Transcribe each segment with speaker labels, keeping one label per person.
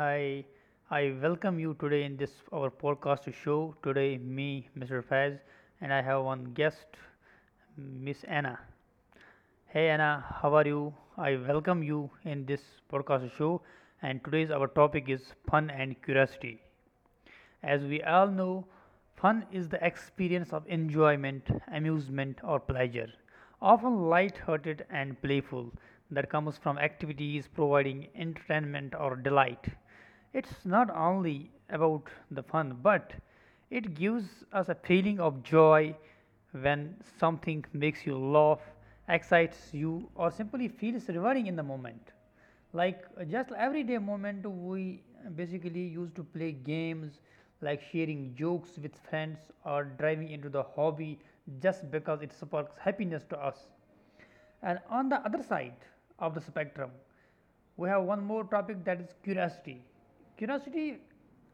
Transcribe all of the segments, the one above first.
Speaker 1: Hi. I welcome you today in this our podcast show. Today me, Mr. Faz, and I have one guest, Miss Anna. Hey Anna, how are you? I welcome you in this podcast show and today's our topic is fun and curiosity. As we all know, fun is the experience of enjoyment, amusement, or pleasure, often light-hearted and playful, that comes from activities providing entertainment or delight. It's not only about the fun, but it gives us a feeling of joy when something makes you laugh, excites you, or simply feels rewarding in the moment like just everyday moment we basically used to play games like sharing jokes with friends or driving into the hobby just because it sparks happiness to us, and on the other side of the spectrum we have one more topic that is curiosity. Curiosity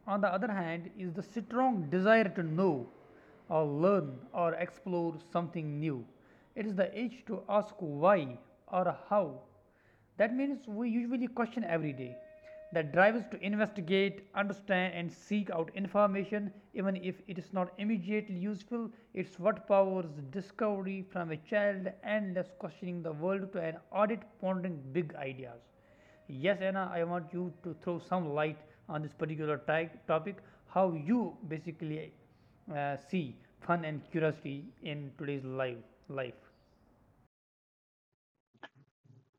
Speaker 1: on the other hand is the strong desire to know or learn or explore something new. It is the itch to ask why or how, that means we usually question every day. That drive us to investigate, understand, and seek out information, even if it is not immediately useful. It's what powers discovery from a child, endless questioning the world to an audit pondering big ideas. Yes, Anna, I want you to throw some light on this particular topic, how you basically see fun and curiosity in today's life.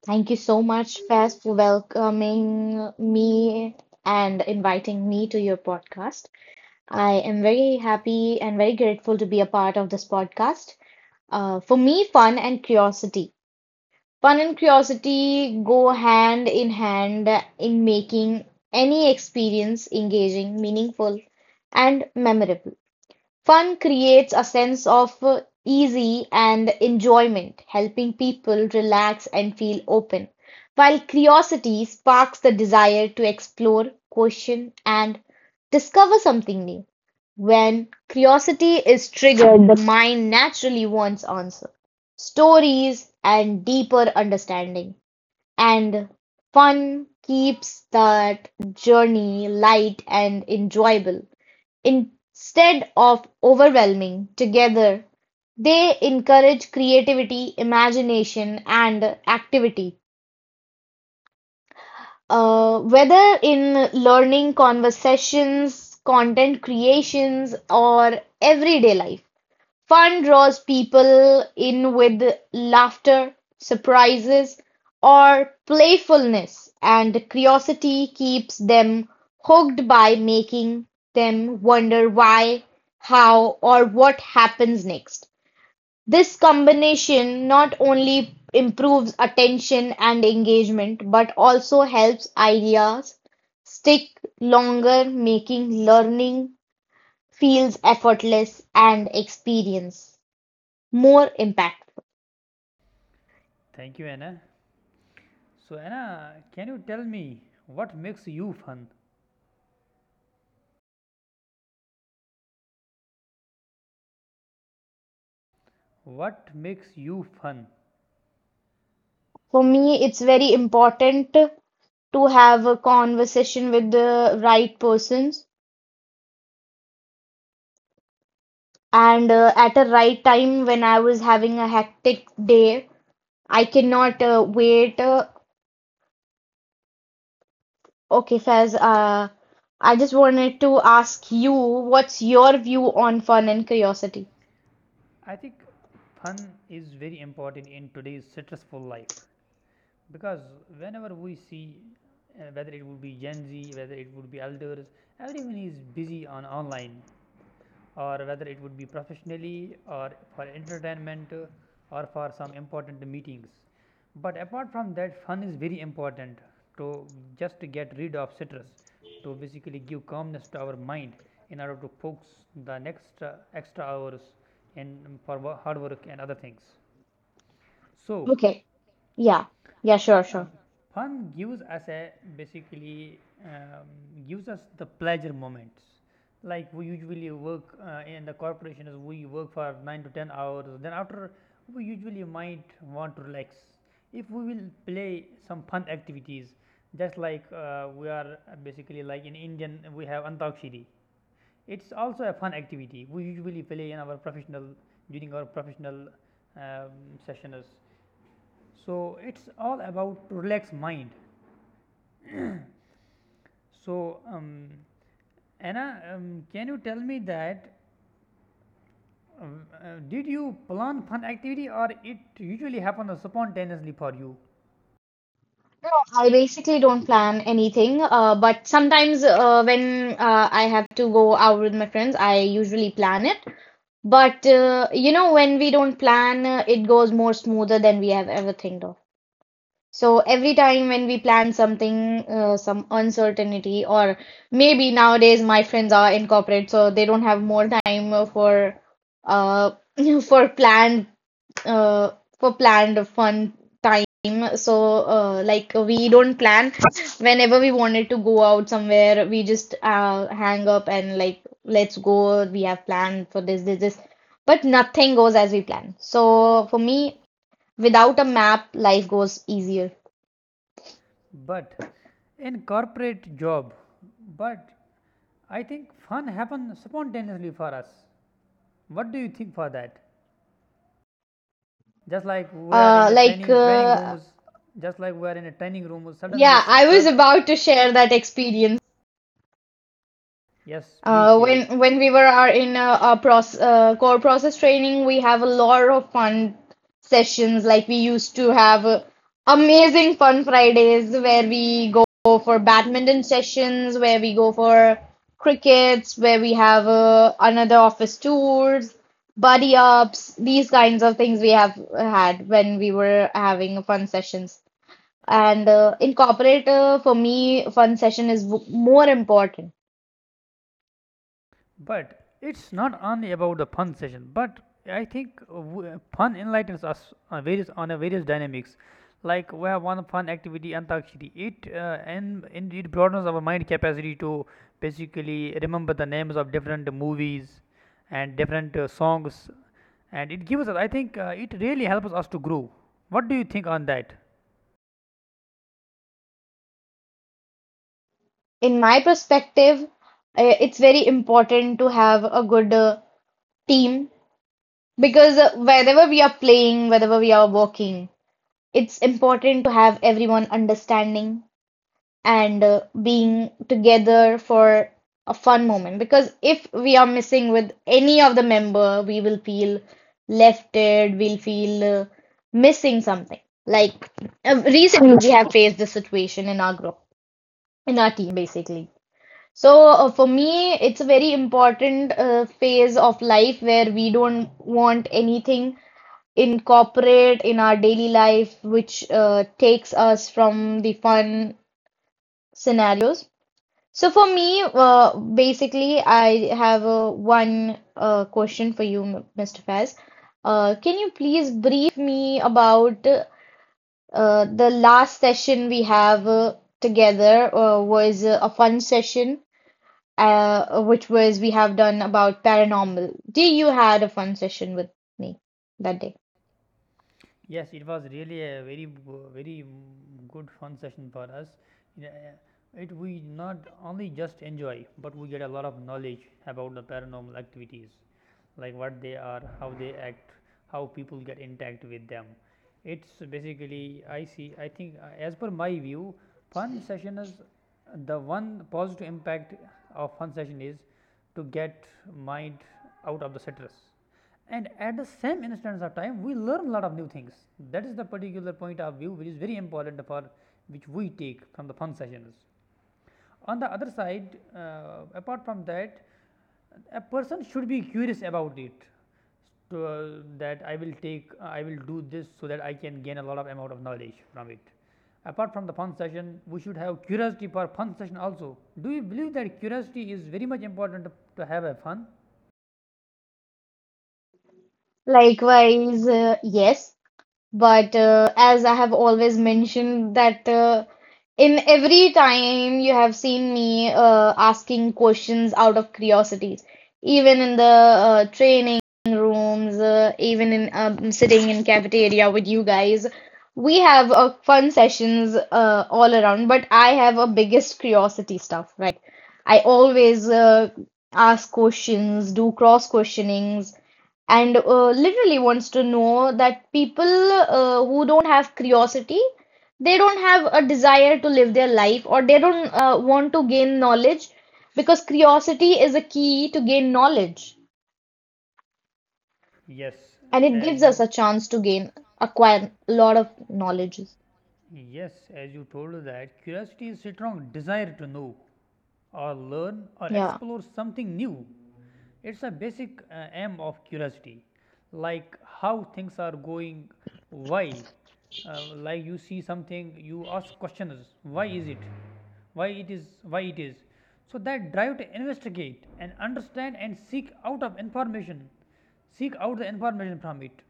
Speaker 2: Thank you so much, Faz, for welcoming me and inviting me to your podcast. I am very happy and very grateful to be a part of this podcast. For me, fun and curiosity. Fun and curiosity go hand in hand in making any experience engaging, meaningful, and memorable. Fun creates a sense of easy and enjoyment, helping people relax and feel open, while curiosity sparks the desire to explore, question, and discover something new. When curiosity is triggered, the mind naturally wants answers, stories, and deeper understanding. And fun keeps that journey light and enjoyable. Instead of overwhelming, together they encourage creativity, imagination, and activity, whether in learning, conversations, content creations, or everyday life. Fun draws people in with laughter, surprises, or playfulness, and curiosity keeps them hooked by making them wonder why, how, or what happens next. This combination not only improves attention and engagement, but also helps ideas stick longer, making learning feels effortless and experience more impactful.
Speaker 1: Thank you, Anna. So Anna, can you tell me what makes you fun? What makes you fun?
Speaker 2: For me, it's very important to have a conversation with the right persons. And At a right time, when I was having a hectic day, I cannot wait. Okay, Faz, I just wanted to ask you, what's your view on fun and curiosity?
Speaker 1: I think fun is very important in today's stressful life, because whenever we see whether it would be Gen Z, whether it would be elders, everyone is busy on online, or whether it would be professionally or for entertainment, or for some important meetings. But apart from that, fun is very important to just to get rid of stress, to basically give calmness to our mind in order to focus the next extra hours in for hard work and other things. So
Speaker 2: Okay. Yeah. Yeah, sure,
Speaker 1: um,
Speaker 2: sure.
Speaker 1: fun gives us a basically um, gives us the pleasure moments. Like we usually work in the corporations, we work for 9 to 10 hours. Then after, we usually might want to relax. If we will play some fun activities, just like we are basically like in Indian, we have Antakshiri. It's also a fun activity. We usually play in our professional during our professional um, sessions, so it's all about to relax mind. So Anna, can you tell me that did you plan fun activity or it usually happens spontaneously for you?
Speaker 2: No, I basically don't plan anything, but sometimes when I have to go out with my friends, I usually plan it. But when we don't plan, it goes more smoother than we have ever think of. So every time when we plan something, some uncertainty, or maybe nowadays my friends are in corporate, so they don't have more time for uh for planned uh, for planned fun time. So, like we don't plan. Whenever we wanted to go out somewhere, we just hang up and like let's go. We have planned for this, this, this. But nothing goes as we plan. So for me, without a map, life goes easier.
Speaker 1: But in corporate job, but I think fun happens spontaneously for us. What do you think for that? Just like we are in
Speaker 2: Uh,
Speaker 1: the
Speaker 2: like
Speaker 1: training
Speaker 2: uh,
Speaker 1: rooms, just like we are in a training room, suddenly,
Speaker 2: yeah, I
Speaker 1: sir. I
Speaker 2: was
Speaker 1: was about
Speaker 2: about to
Speaker 1: to
Speaker 2: share
Speaker 1: share
Speaker 2: that
Speaker 1: that
Speaker 2: experience.
Speaker 1: experience. Yes, please
Speaker 2: Uh,
Speaker 1: share it. Uh,
Speaker 2: when
Speaker 1: when,
Speaker 2: when we were
Speaker 1: when we
Speaker 2: are in our process, core process training, we have a lot of fun sessions. Like we used to have amazing fun Fridays where we go for badminton sessions, where we go for crickets, where we have another office tours, buddy ups, these kinds of things we have had when we were having fun sessions. And in corporate, for me, fun session is w more important
Speaker 1: But it's not only about the fun session, but I think fun enlightens us on various on a various dynamics. Like we have one fun activity, Antakshari. It and it broadens our mind capacity to basically remember the names of different movies and different songs, and it gives us. I think it really helps us to grow. What do you think on that?
Speaker 2: in my perspective, it's very important to have a good team because wherever we are playing, wherever we are working, it's important to have everyone understanding and being together for a fun moment. Because if we are missing with any of the member, we will feel lefted, we'll feel missing something. Like recently, we have faced this situation in our group, in our team, basically so for me, it's a very important phase of life where we don't want anything incorporate in our daily life, which takes us from the fun scenarios. So for me, basically, I have one question for you, Mr. Faz. Can you please brief me about the last session we have together was a fun session which was we have done about paranormal. Do you had a fun session with me that day?
Speaker 1: Yes, it was really a very very good fun session for us. Yeah, it we not only just enjoy, but we get a lot of knowledge about the paranormal activities, like what they are, how they act, how people get intact with them. It's basically I see. I think as per my view, fun session is the one positive impact of fun session is to get mind out of the stress, and at the same instance of time we learn a lot of new things, that is the particular point of view which is very important for which we take from the fun sessions. On the other side, apart from that, a person should be curious about it to, that I will take I will do this so that I can gain a lot of amount of knowledge from it. Apart from the fun session we should have curiosity for fun session also. Do you believe that curiosity is very much important to have a fun?
Speaker 2: Likewise, yes. But as I have always mentioned that in every time you have seen me asking questions out of curiosities, even in the training rooms, even in sitting in cafeteria with you guys, we have fun sessions all around. But I have a biggest curiosity stuff, right? I always ask questions, do cross questionings and literally wants to know that people who don't have curiosity, they don't have a desire to live their life or they don't want to gain knowledge because curiosity is a key to gain knowledge
Speaker 1: Yes,
Speaker 2: and it
Speaker 1: as
Speaker 2: gives us
Speaker 1: you
Speaker 2: a chance to gain, acquire a lot of knowledge.
Speaker 1: Yes, as you told that curiosity is a strong desire to know or learn or
Speaker 2: Yeah.
Speaker 1: explore something new. It's a basic aim of curiosity, like how things are going, why. Like you see something, you ask questions. Why is it? Why it is? Why it is? So that drive to investigate and understand and seek out the information from it.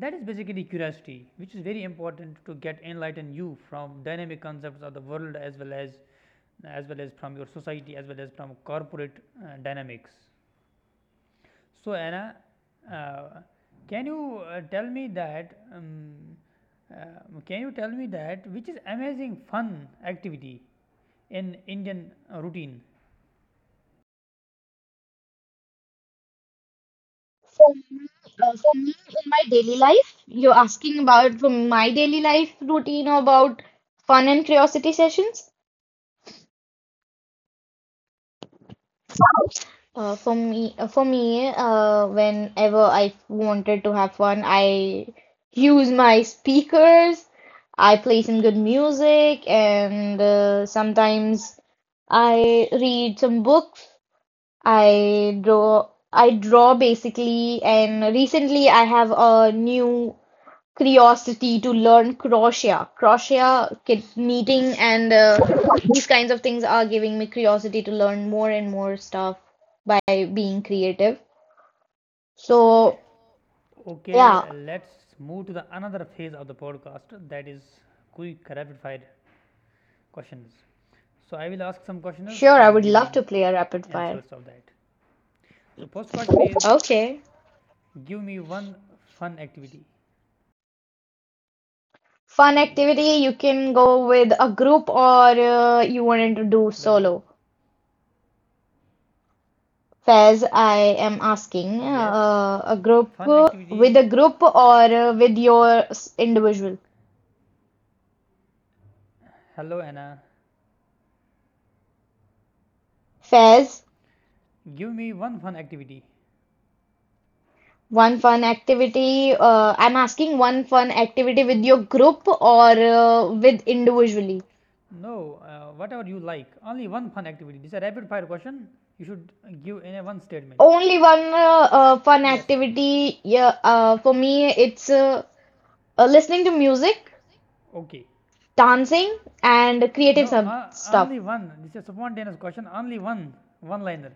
Speaker 1: That is basically curiosity, which is very important to get enlighten you from dynamic concepts of the world, as well as from your society, as well as from corporate dynamics. So Anna, uh, can you tell me that? Can you tell me that which is amazing fun activity in Indian routine?
Speaker 2: For me, for me in my daily life, you're asking about from my daily life routine or about fun and curiosity sessions. For me, whenever I wanted to have fun, I use my speakers. I play some good music, and sometimes I read some books. I draw. I draw basically, and recently I have a new curiosity to learn crochet. Crochet, kit knitting, and these kinds of things are giving me curiosity to learn more and more stuff by being creative. So,
Speaker 1: Okay,
Speaker 2: yeah,
Speaker 1: let's move to the another phase of the podcast, that is quick rapid fire questions. So I will ask some questions
Speaker 2: sure, I
Speaker 1: and
Speaker 2: would
Speaker 1: give me
Speaker 2: love to play a rapid fire.
Speaker 1: answers of that. So first question is
Speaker 2: Okay.
Speaker 1: give me one fun activity.
Speaker 2: Fun activity, you can go with a group or you wanted to do
Speaker 1: Hello.
Speaker 2: solo. Faz, I am asking
Speaker 1: Yes.
Speaker 2: a group
Speaker 1: Fun
Speaker 2: with
Speaker 1: activity.
Speaker 2: a group or with your individual.
Speaker 1: Hello Anna.
Speaker 2: Faz,
Speaker 1: Give me one fun activity.
Speaker 2: one fun activity. I'm asking one fun activity with your group or with individually.
Speaker 1: No, whatever you like. Only one fun activity. This is a rapid fire question. You should give in a one statement.
Speaker 2: Only one fun
Speaker 1: Yes.
Speaker 2: activity. Yeah, for me, it's listening to music,
Speaker 1: Okay.
Speaker 2: dancing, and creative
Speaker 1: No,
Speaker 2: some stuff.
Speaker 1: only one. This is a spontaneous question. Only one. One liner.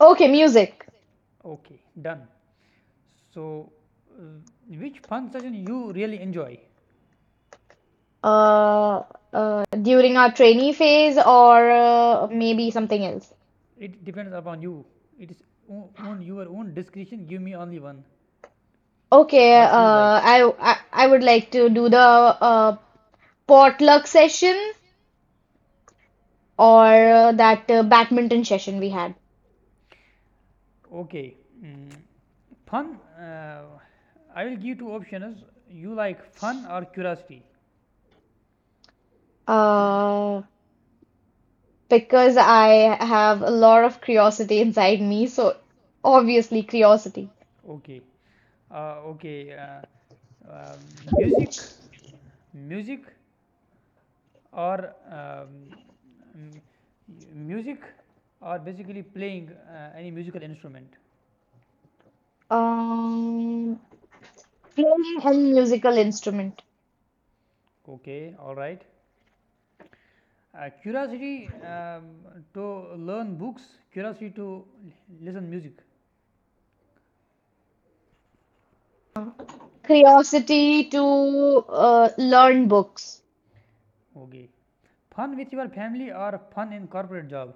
Speaker 2: Okay, music.
Speaker 1: Okay, done. So, uh, which fun session you really enjoy?
Speaker 2: Uh, during our trainee phase or maybe something else.
Speaker 1: It depends upon you. It is on own your own discretion. Give me only one.
Speaker 2: Okay,
Speaker 1: What you like.
Speaker 2: I would like to do the potluck session or that badminton session we had.
Speaker 1: Do the Okay. Mm. Fun. Uh, I will give two options. You like fun or curiosity?
Speaker 2: Uh, because I have a lot of curiosity inside me, so obviously curiosity.
Speaker 1: Okay. Uh, okay. Uh, uh, music, music, or m- music, or basically playing any musical instrument.
Speaker 2: Um, Playing a musical instrument,
Speaker 1: Okay. All right. Curiosity to learn books, curiosity to listen music.
Speaker 2: curiosity to learn books.
Speaker 1: Okay. Fun with your family or fun in corporate job?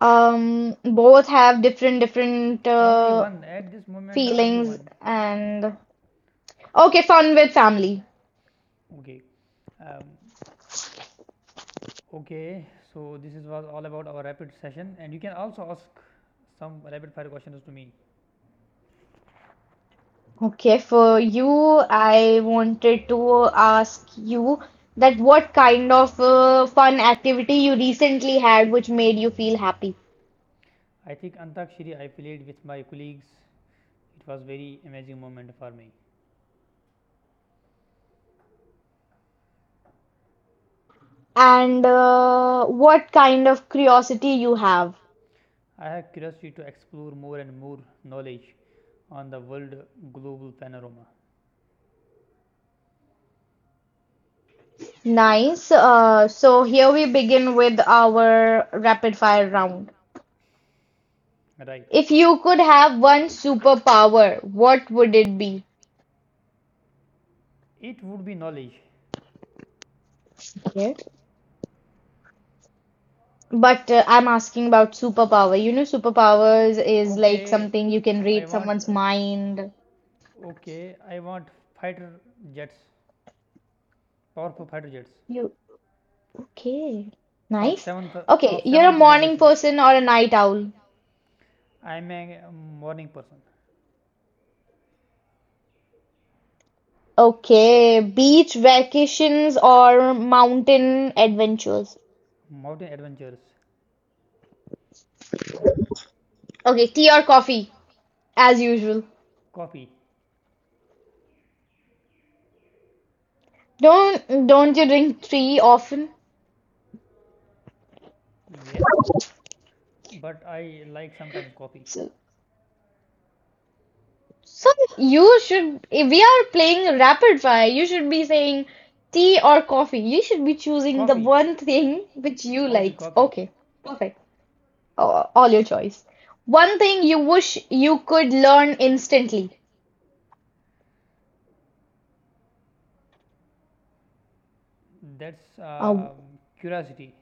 Speaker 2: Both have different different
Speaker 1: Only one at this moment. Only
Speaker 2: feelings
Speaker 1: one.
Speaker 2: and okay, fun with family.
Speaker 1: Okay. Um, okay. So this is was all about our rapid session, and you can also ask some rapid fire questions to me.
Speaker 2: Okay, for you, I wanted to ask you that what kind of fun activity you recently had which made you feel happy,
Speaker 1: I think Antakshari I played with my colleagues. It was very amazing moment for me.
Speaker 2: and what kind of curiosity you have.
Speaker 1: I have curiosity to explore more and more knowledge on the world global panorama.
Speaker 2: Nice. So here we begin with our rapid fire round.
Speaker 1: Right.
Speaker 2: If you could have one superpower, what would it be?
Speaker 1: It would be knowledge.
Speaker 2: Okay. But I'm asking about superpower. You know, superpowers is like
Speaker 1: Okay,
Speaker 2: something you can
Speaker 1: I
Speaker 2: read
Speaker 1: and want
Speaker 2: someone's mind.
Speaker 1: mind. Okay, I want fighter jets, powerful fighter jets
Speaker 2: You okay?
Speaker 1: of
Speaker 2: Nice.
Speaker 1: seventh
Speaker 2: Okay,
Speaker 1: of
Speaker 2: you're a
Speaker 1: seventh
Speaker 2: morning
Speaker 1: generation.
Speaker 2: person or a night owl.
Speaker 1: A night owl. I'm a morning person.
Speaker 2: Okay, beach vacations or mountain adventures.
Speaker 1: Mountain adventures.
Speaker 2: Okay, tea or coffee, as usual.
Speaker 1: Coffee.
Speaker 2: Don't you drink tea often?
Speaker 1: Yes, but I like sometimes coffee.
Speaker 2: So, so you should, if we are playing rapid fire, you should be saying tea or coffee. You should be choosing the
Speaker 1: Copy, picking
Speaker 2: one thing which you
Speaker 1: copy,
Speaker 2: like.
Speaker 1: copy.
Speaker 2: Okay, perfect. All your choice. One thing you wish you could learn instantly.
Speaker 1: Okay. That's
Speaker 2: Oh,
Speaker 1: curiosity.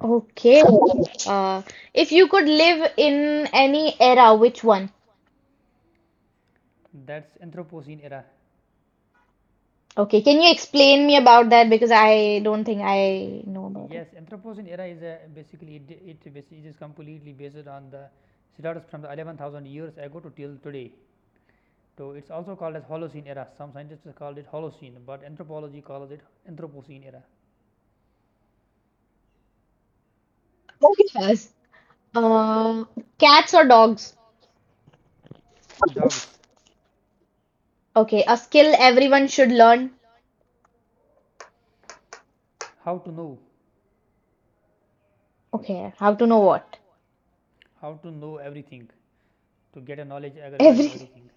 Speaker 2: okay. Uh, if you could live in any era, which one?
Speaker 1: That's Anthropocene era.
Speaker 2: Okay, can you explain me about that? Because I don't think I know about it.
Speaker 1: Yes, Anthropocene era is a, basically it, it is completely based on the status from the 11,000 years ago to till today. So it's also called as Holocene era. Some scientists call it Holocene, but anthropology calls it Anthropocene era.
Speaker 2: Okay, first. Uh, Cats or dogs?
Speaker 1: Dogs.
Speaker 2: Okay, a skill everyone should learn.
Speaker 1: How to know?
Speaker 2: Okay, how to know what?
Speaker 1: How to know everything? To get a knowledge regarding
Speaker 2: Everything.
Speaker 1: everything.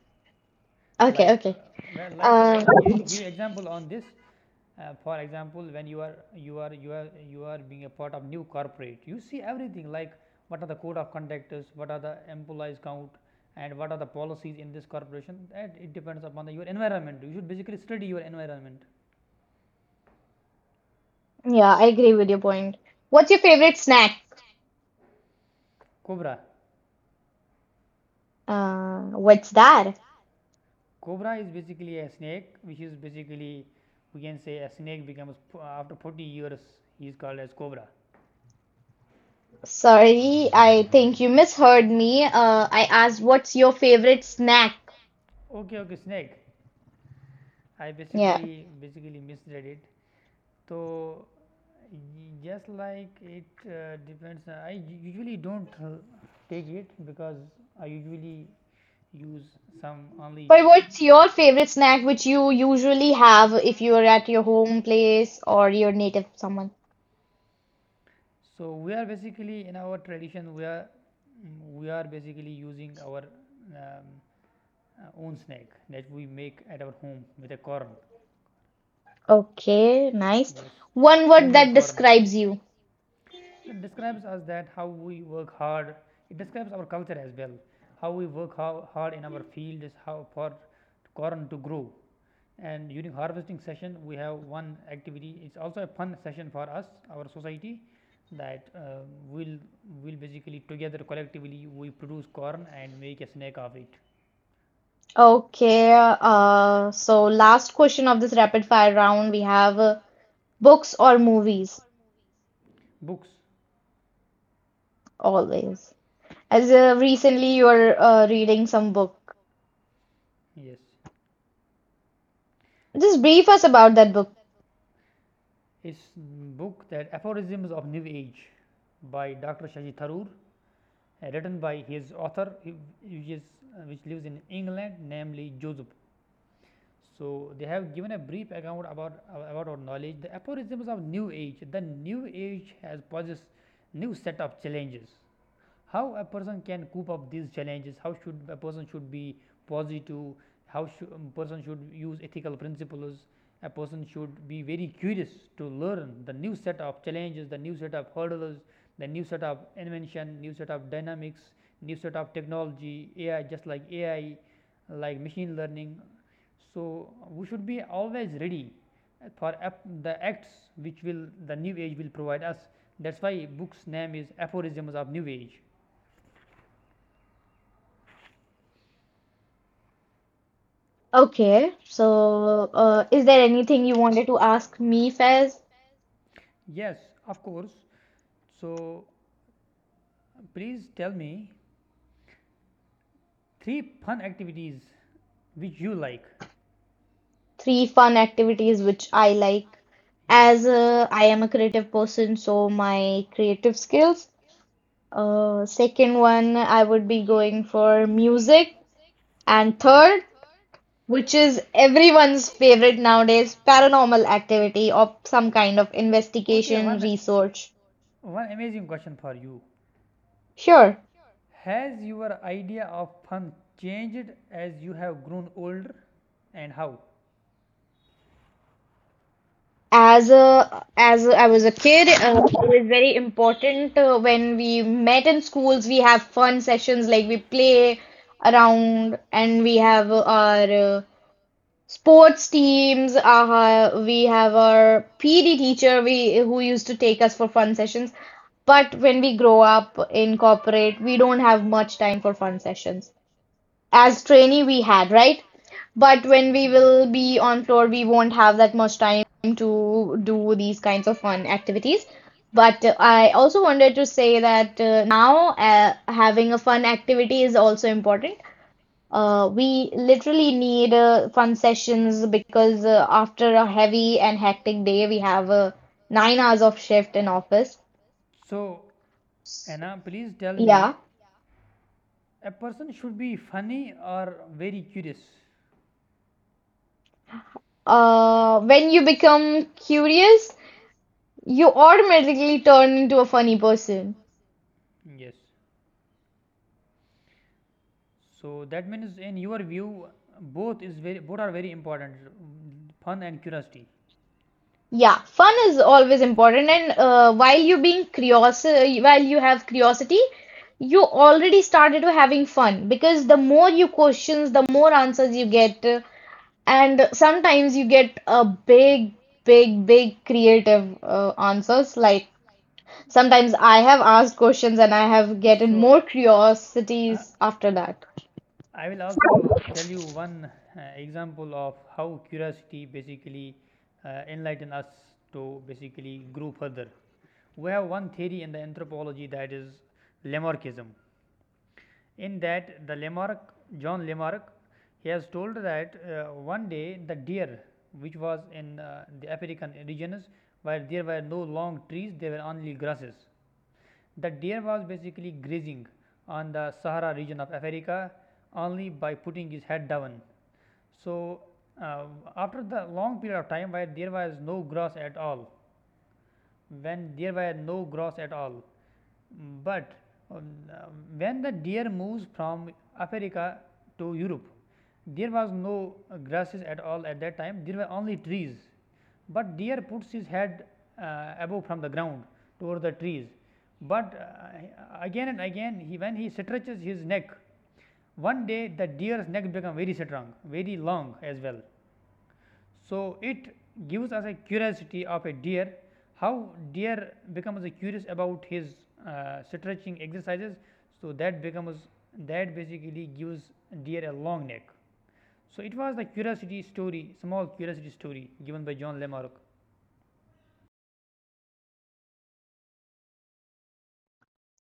Speaker 2: Okay,
Speaker 1: Like
Speaker 2: okay.
Speaker 1: well, like I
Speaker 2: Uh,
Speaker 1: will give example on this. For example, when you are being a part of new corporate, you see everything like what are the code of conduct, what are the employees count, and what are the policies in this corporation. That it depends upon the, your environment. You should basically study your environment.
Speaker 2: yeah, I agree with your point. What's your favorite snack?
Speaker 1: Cobra,
Speaker 2: What's that?
Speaker 1: cobra is basically a snake, which is basically we can say a snake becomes after 40 years he is called as cobra.
Speaker 2: Sorry, I think you misheard me. I asked what's your favorite snack?
Speaker 1: Okay, okay, snake. I
Speaker 2: Yeah.
Speaker 1: basically misread it. So, just like it depends, I usually don't take it because I usually use some only.
Speaker 2: But what's your favorite snack which you usually have if you are at your home place or your native someone?
Speaker 1: So we are basically in our tradition we are we are basically using our um, own snack that we make at our home with a corn.
Speaker 2: Okay, nice.
Speaker 1: Yes,
Speaker 2: One
Speaker 1: I
Speaker 2: word
Speaker 1: homemade
Speaker 2: that
Speaker 1: corn.
Speaker 2: describes you.
Speaker 1: That describes us that how we work hard. It describes our culture as well. How we work how hard in our field is how for corn to grow. And during harvesting session, we have one activity. It's also a fun session for us, our society, that we'll will basically together collectively we produce corn and make a snack of it.
Speaker 2: Okay, so last question of this rapid fire round, we have books or movies,
Speaker 1: Books,
Speaker 2: always. As recently you are reading some book.
Speaker 1: yes,
Speaker 2: Just brief us about that book.
Speaker 1: it's book that aphorisms of new age by Dr. Shaji Tharoor written by his author which is which lives in England namely Joseph. So, they have given a brief account about our knowledge, the aphorisms of new age. The new age has poses new set of challenges, how a person can cope up these challenges? How should a person should be positive? How should person should use ethical principles? A person should be very curious to learn the new set of challenges, the new set of hurdles, the new set of invention, new set of dynamics, new set of technology, AI, just like AI, like machine learning. So we should be always ready for the acts which will the new age will provide us. That's why book's name is Aphorisms of New Age.
Speaker 2: Okay, so is there anything you wanted to ask me, Faiz?
Speaker 1: Yes, of course. So please tell me three fun activities which you like.
Speaker 2: Three fun activities which I like.
Speaker 1: Yes,
Speaker 2: As I am a creative person, so my creative skills. Second one, I would be going for music. And
Speaker 1: yes.
Speaker 2: third, which is everyone's favorite nowadays, paranormal activity or some kind of
Speaker 1: Okay,
Speaker 2: investigation,
Speaker 1: one
Speaker 2: research.
Speaker 1: one amazing question for you.
Speaker 2: Sure.
Speaker 1: Has your idea of fun changed as you have grown older and how?
Speaker 2: I was a kid, it was very important when we met in schools. We have fun sessions like we play around, and we have our sports teams. Our, we have our PD teacher we who used to take us for fun sessions. But when we grow up in corporate, we don't have much time for fun sessions as trainee we had, right? But when we
Speaker 1: Yes.
Speaker 2: will be on floor, we won't have that much time to do these kinds of fun activities. But I also wanted to say that now having a fun activity is also important. We literally need fun sessions because after a heavy and hectic day, we have 9 hours of shift in office.
Speaker 1: So
Speaker 2: S-
Speaker 1: Anna, please tell me,
Speaker 2: Yeah.
Speaker 1: a person should be funny or very curious.
Speaker 2: When you become curious, you automatically turn into a funny person.
Speaker 1: Yes. So that means, in your view, both are very important, mm, fun and curiosity.
Speaker 2: Yeah, fun is always important, and while you being curious, while you have curiosity, you already started to having fun because the more you questions, the more answers you get, and sometimes you get a big, big, big creative answers. Like sometimes I have asked questions and I have gotten
Speaker 1: So,
Speaker 2: more
Speaker 1: uh,
Speaker 2: curiosities after that.
Speaker 1: that. I will also tell you one example of how curiosity basically enlighten us to basically grow further. We have one theory in the anthropology, that is Lamarckism. In that, the Lamarck, John Lamarck, he has told that one day the deer, which was in the African regions where there were no long trees, there were only grasses. The deer was basically grazing on the Sahara region of Africa only by putting his head down. So uh, after the long period of time where there was no grass at all, when there were no gross at all. But um, when the deer moves from Africa to Europe, there was no grasses at all at that time. There were only trees. But deer puts his head above from the ground toward the trees. But again and again, he, when he stretches his neck, one day the deer's neck become very strong, very long as well. So, it gives us a curiosity of a deer, how deer becomes curious about his stretching exercises. So, that becomes, that basically gives deer a long neck. So, it was the curiosity story, small curiosity story given by John Le Maroc.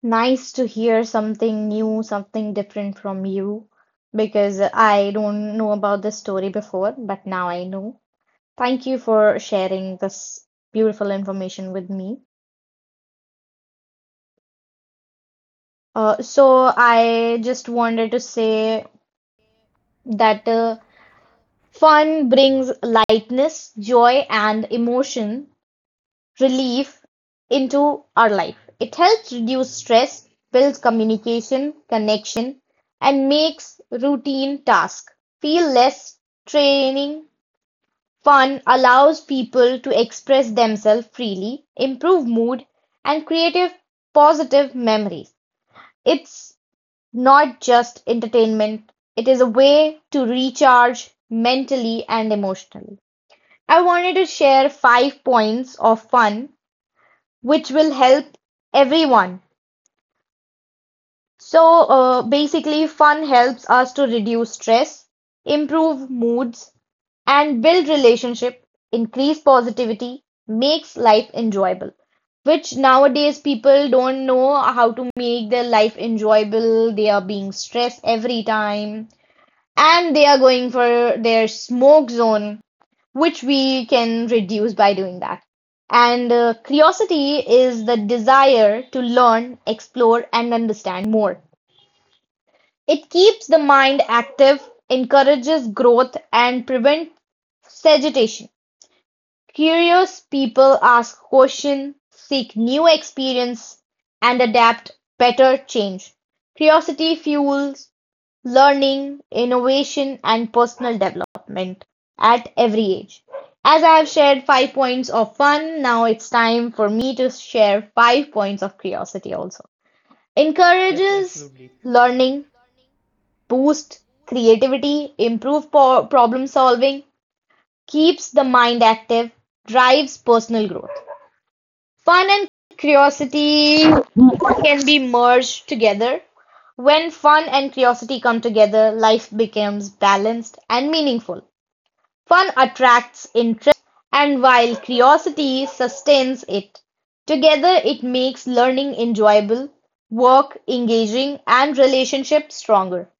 Speaker 2: Nice to hear something new, something different from you, because I don't know about this story before, but now I know. Thank you for sharing this beautiful information with me. So I just wanted to say that fun brings lightness, joy, and emotion relief into our life. It helps reduce stress, builds communication, connection, and makes routine tasks feel less draining. Fun allows people to express themselves freely, improve mood, and create positive memories. It's not just entertainment, it is a way to recharge mentally and emotionally. I wanted to share five points of fun which will help everyone. So basically, fun helps us to reduce stress, improve moods, and build relationship, increase positivity, makes life enjoyable. Which nowadays people don't know how to make their life enjoyable. They are being stressed every time, and they are going for their smoke zone which we can reduce by doing that. And curiosity is the desire to learn, explore, and understand more. It keeps the mind active, encourages growth, and prevents stagnation. Curious people ask questions, seek new experience, and adapt better change. Curiosity fuels learning, innovation, and personal development at every age. As I have shared five points of fun, now it's time for me to share five points of curiosity also.
Speaker 1: Yes,
Speaker 2: Encourages
Speaker 1: absolutely.
Speaker 2: learning, boosts creativity, improves problem solving, keeps the mind active, drives personal growth. Fun and curiosity can be merged together. When fun and curiosity come together, life becomes balanced and meaningful. Fun attracts interest, and while curiosity sustains it. Together, it makes learning enjoyable, work engaging, and relationships stronger.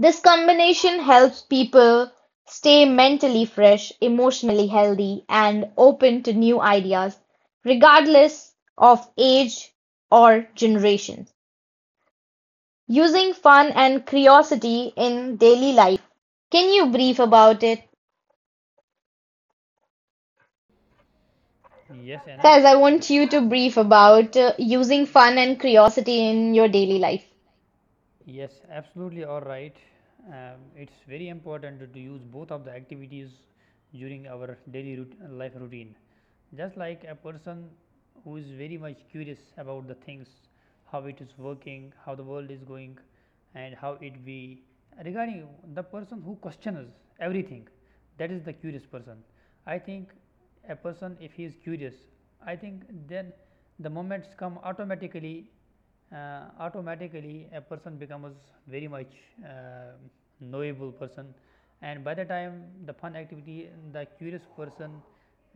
Speaker 2: This combination helps people stay mentally fresh, emotionally healthy, and open to new ideas, regardless of age or generation. Using fun and curiosity in daily life. Can you brief about it?
Speaker 1: Yes, Anna.
Speaker 2: Faiz, I want you to brief about using fun and curiosity in your daily life.
Speaker 1: Yes, absolutely, all right. It's very important to use both of the activities during our daily life routine. Just like a person who is very much curious about the things, how it is working, how the world is going and how it be regarding, the person who questions everything, that is the curious person. I think a person, if he is curious, I think then the moments come automatically, automatically a person becomes very much uh, knowable person, and by the time the fun activity, the curious person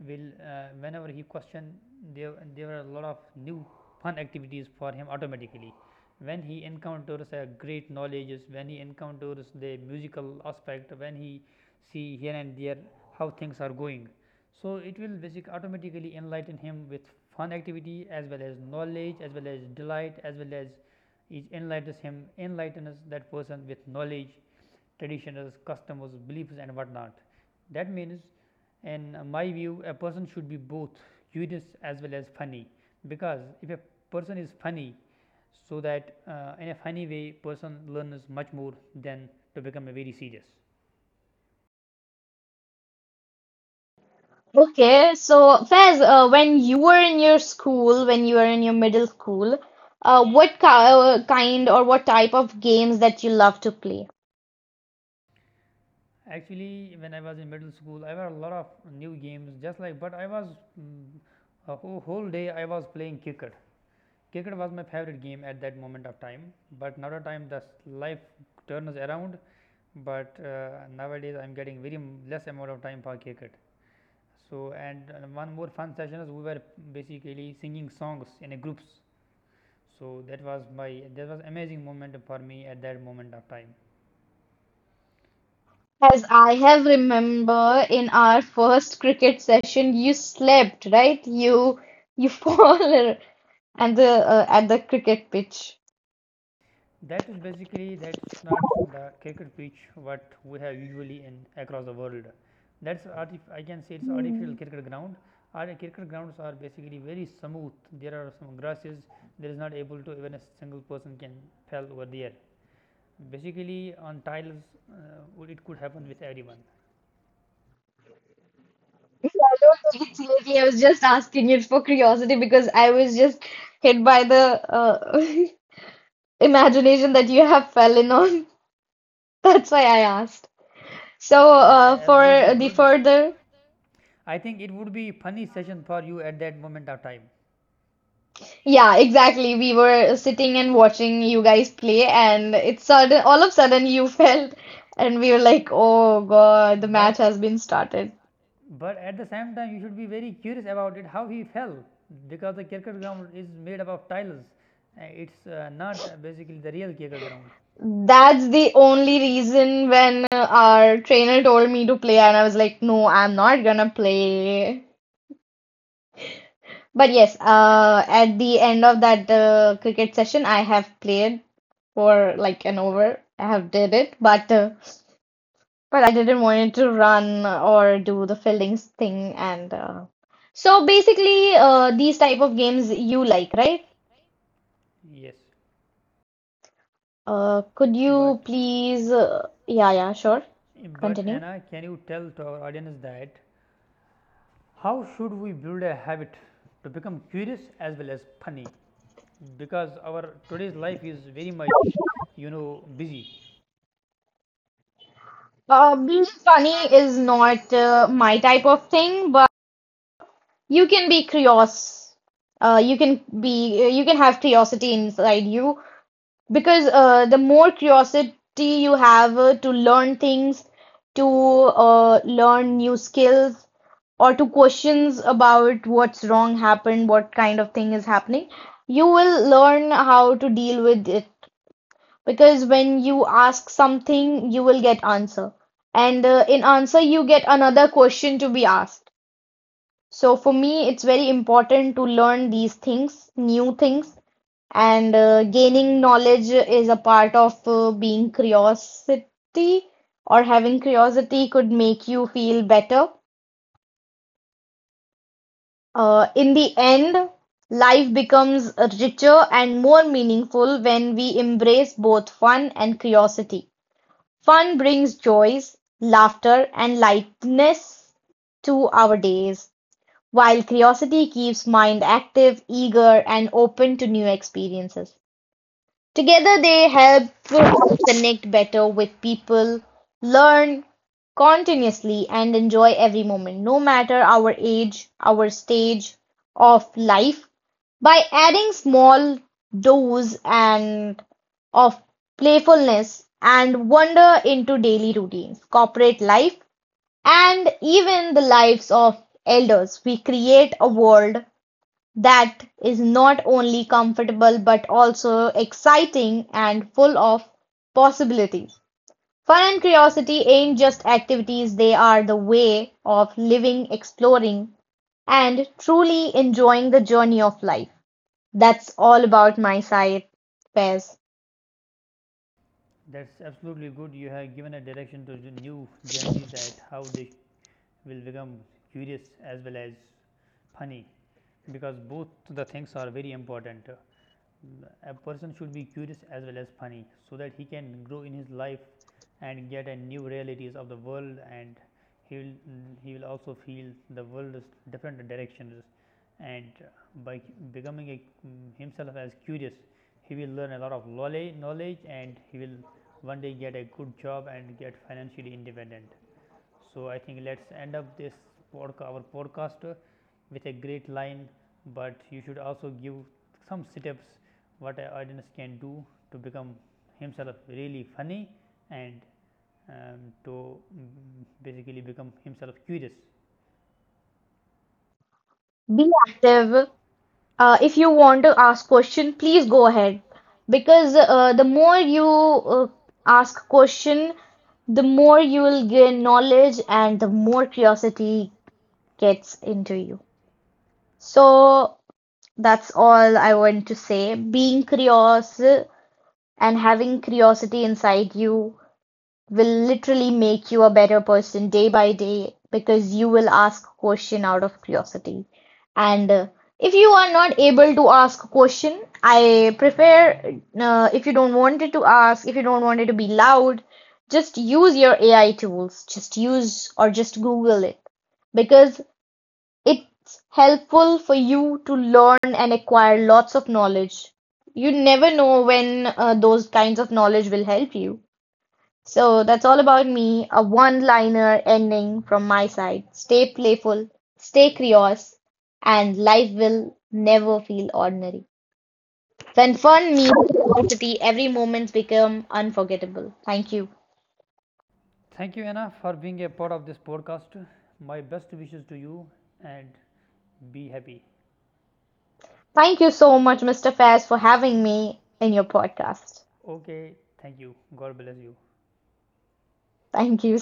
Speaker 1: will, whenever he question, there are a lot of new fun activities for him automatically when he encounters a great knowledge, when he encounters the musical aspect, when he see here and there how things are going. So it will basically automatically enlighten him with fun activity as well as knowledge as well as delight, as well as it enlightens him, enlightens that person with knowledge, traditions, customs, beliefs and whatnot. That means in my view a person should be both curious as well as funny, because if a person is funny, so that in a funny way person learns much more than to become a very serious.
Speaker 2: Okay, so Faiz, when you were in your school, when you were in your middle school, what ki kind or what type of games that you love to play?
Speaker 1: Actually, when I was in middle school, I had a lot of new games, just like, but I was mm, a whole day I was playing cricket. Cricket was my favorite game at that moment of time. But now the time, the life turns around, but nowadays I'm getting very less amount of time for cricket. So, and one more fun session is we were basically singing songs in a groups. So that was my, that was amazing moment for me at that moment of time.
Speaker 2: As I have remember in our first cricket session, you slept, right? You fall at the at the cricket pitch.
Speaker 1: That is basically, that's not the cricket pitch what we have usually in across the world. That's I can say it's artificial
Speaker 2: Hmm.
Speaker 1: cricket ground. Our cricket grounds are basically very smooth. There are some grasses. There is not able to even a single person can fell over there. Basically on tiles, uh, it could happen with everyone.
Speaker 2: I don't think it's lazy. I was just asking it for curiosity because I was just hit by the uh, imagination that you have fallen on. That's why I asked. So,
Speaker 1: That's, so, absolutely
Speaker 2: for the
Speaker 1: good.
Speaker 2: further,
Speaker 1: I think it would be funny session for you at that moment of time.
Speaker 2: yeah, exactly. We were sitting and watching you guys play, and it's sudden, all of a sudden you felt, and we were like, oh
Speaker 1: Oh,
Speaker 2: God, the match
Speaker 1: But-
Speaker 2: has been started.
Speaker 1: but at the same time, you should be very curious about it, how he fell because the cricket ground is made up of tiles. It's not basically the real cricket ground.
Speaker 2: That's the only reason when our trainer told me to play, and I was like, no, I'm not gonna play. But yes, at the end of that cricket session, I have played for like an over. I have did it, but but I didn't want it to run or do the fielding thing and so basically these type of games you like, right?
Speaker 1: Yes,
Speaker 2: Could you
Speaker 1: but
Speaker 2: please yeah, yeah, sure,
Speaker 1: sure. But
Speaker 2: continue.
Speaker 1: Anna, can you tell to our audience that how should we build a habit to become curious as well as funny? Because our today's life is very much, you know, busy.
Speaker 2: Being funny is not my type of thing, but you can be curious. You can have curiosity inside you. Because the more curiosity you have to learn things, to learn new skills, or to questions about what's wrong happened, what kind of thing is happening, you will learn how to deal with it. Because when you ask something, you will get answer. And in answer, you get another question to be asked. So for me, it's very important to learn these things, new things, and gaining knowledge is a part of being curiosity or having curiosity could make you feel better. In the end, life becomes richer and more meaningful when we embrace both fun and curiosity. Fun brings joys, laughter, and lightness to our days. While curiosity keeps mind active, eager, and open to new experiences. Together, they help connect better with people, learn continuously, and enjoy every moment, no matter our age, our stage of life. By adding small doses and of playfulness and wonder into daily routines, corporate life, and even the lives of elders, we create a world that is not only comfortable but also exciting and full of possibilities. Fun and curiosity ain't just activities, they are the way of living, exploring, and truly enjoying the journey of life. That's all about my side, Faiz.
Speaker 1: That's absolutely good. You have given a direction to the new Gen Z that how they will become curious as well as funny, because both the things are very important. Mm, a person should be curious as well as funny, so that he can grow in his life and get a new realities of the world, and he will mm, he will also feel the world's different directions, and by becoming a, mm, himself as curious, he will learn a lot of knowledge, and he will one day get a good job and get financially independent. So I think let's end up this our podcast with a great line, but you should also give some steps what a audience can do to become himself really funny and to mm, basically become himself curious.
Speaker 2: Be active. If you want to ask question, please go ahead because the more you uh, ask question, the more you will gain knowledge and the more curiosity gets into you. So that's all I want to say. Being curious and having curiosity inside you will literally make you a better person day by day because you will ask a question out of curiosity. And if you are not able to ask a question, I prefer if you don't want it to ask, if you don't want it to be loud, just use your AI tools. Just use or just Google it because it's helpful for you to learn and acquire lots of knowledge. You never know when those kinds of knowledge will help you. So that's all about me. A one-liner ending from my side. Stay playful, stay curious, and life will never feel ordinary. When fun meets curiosity, every moment becomes unforgettable. Thank you.
Speaker 1: Thank you Anna for being a part of this podcast. My best wishes to you and be happy.
Speaker 2: Thank you so much, Mr. Fairs, for having me in your podcast.
Speaker 1: Okay, thank you. God bless you.
Speaker 2: Thank you.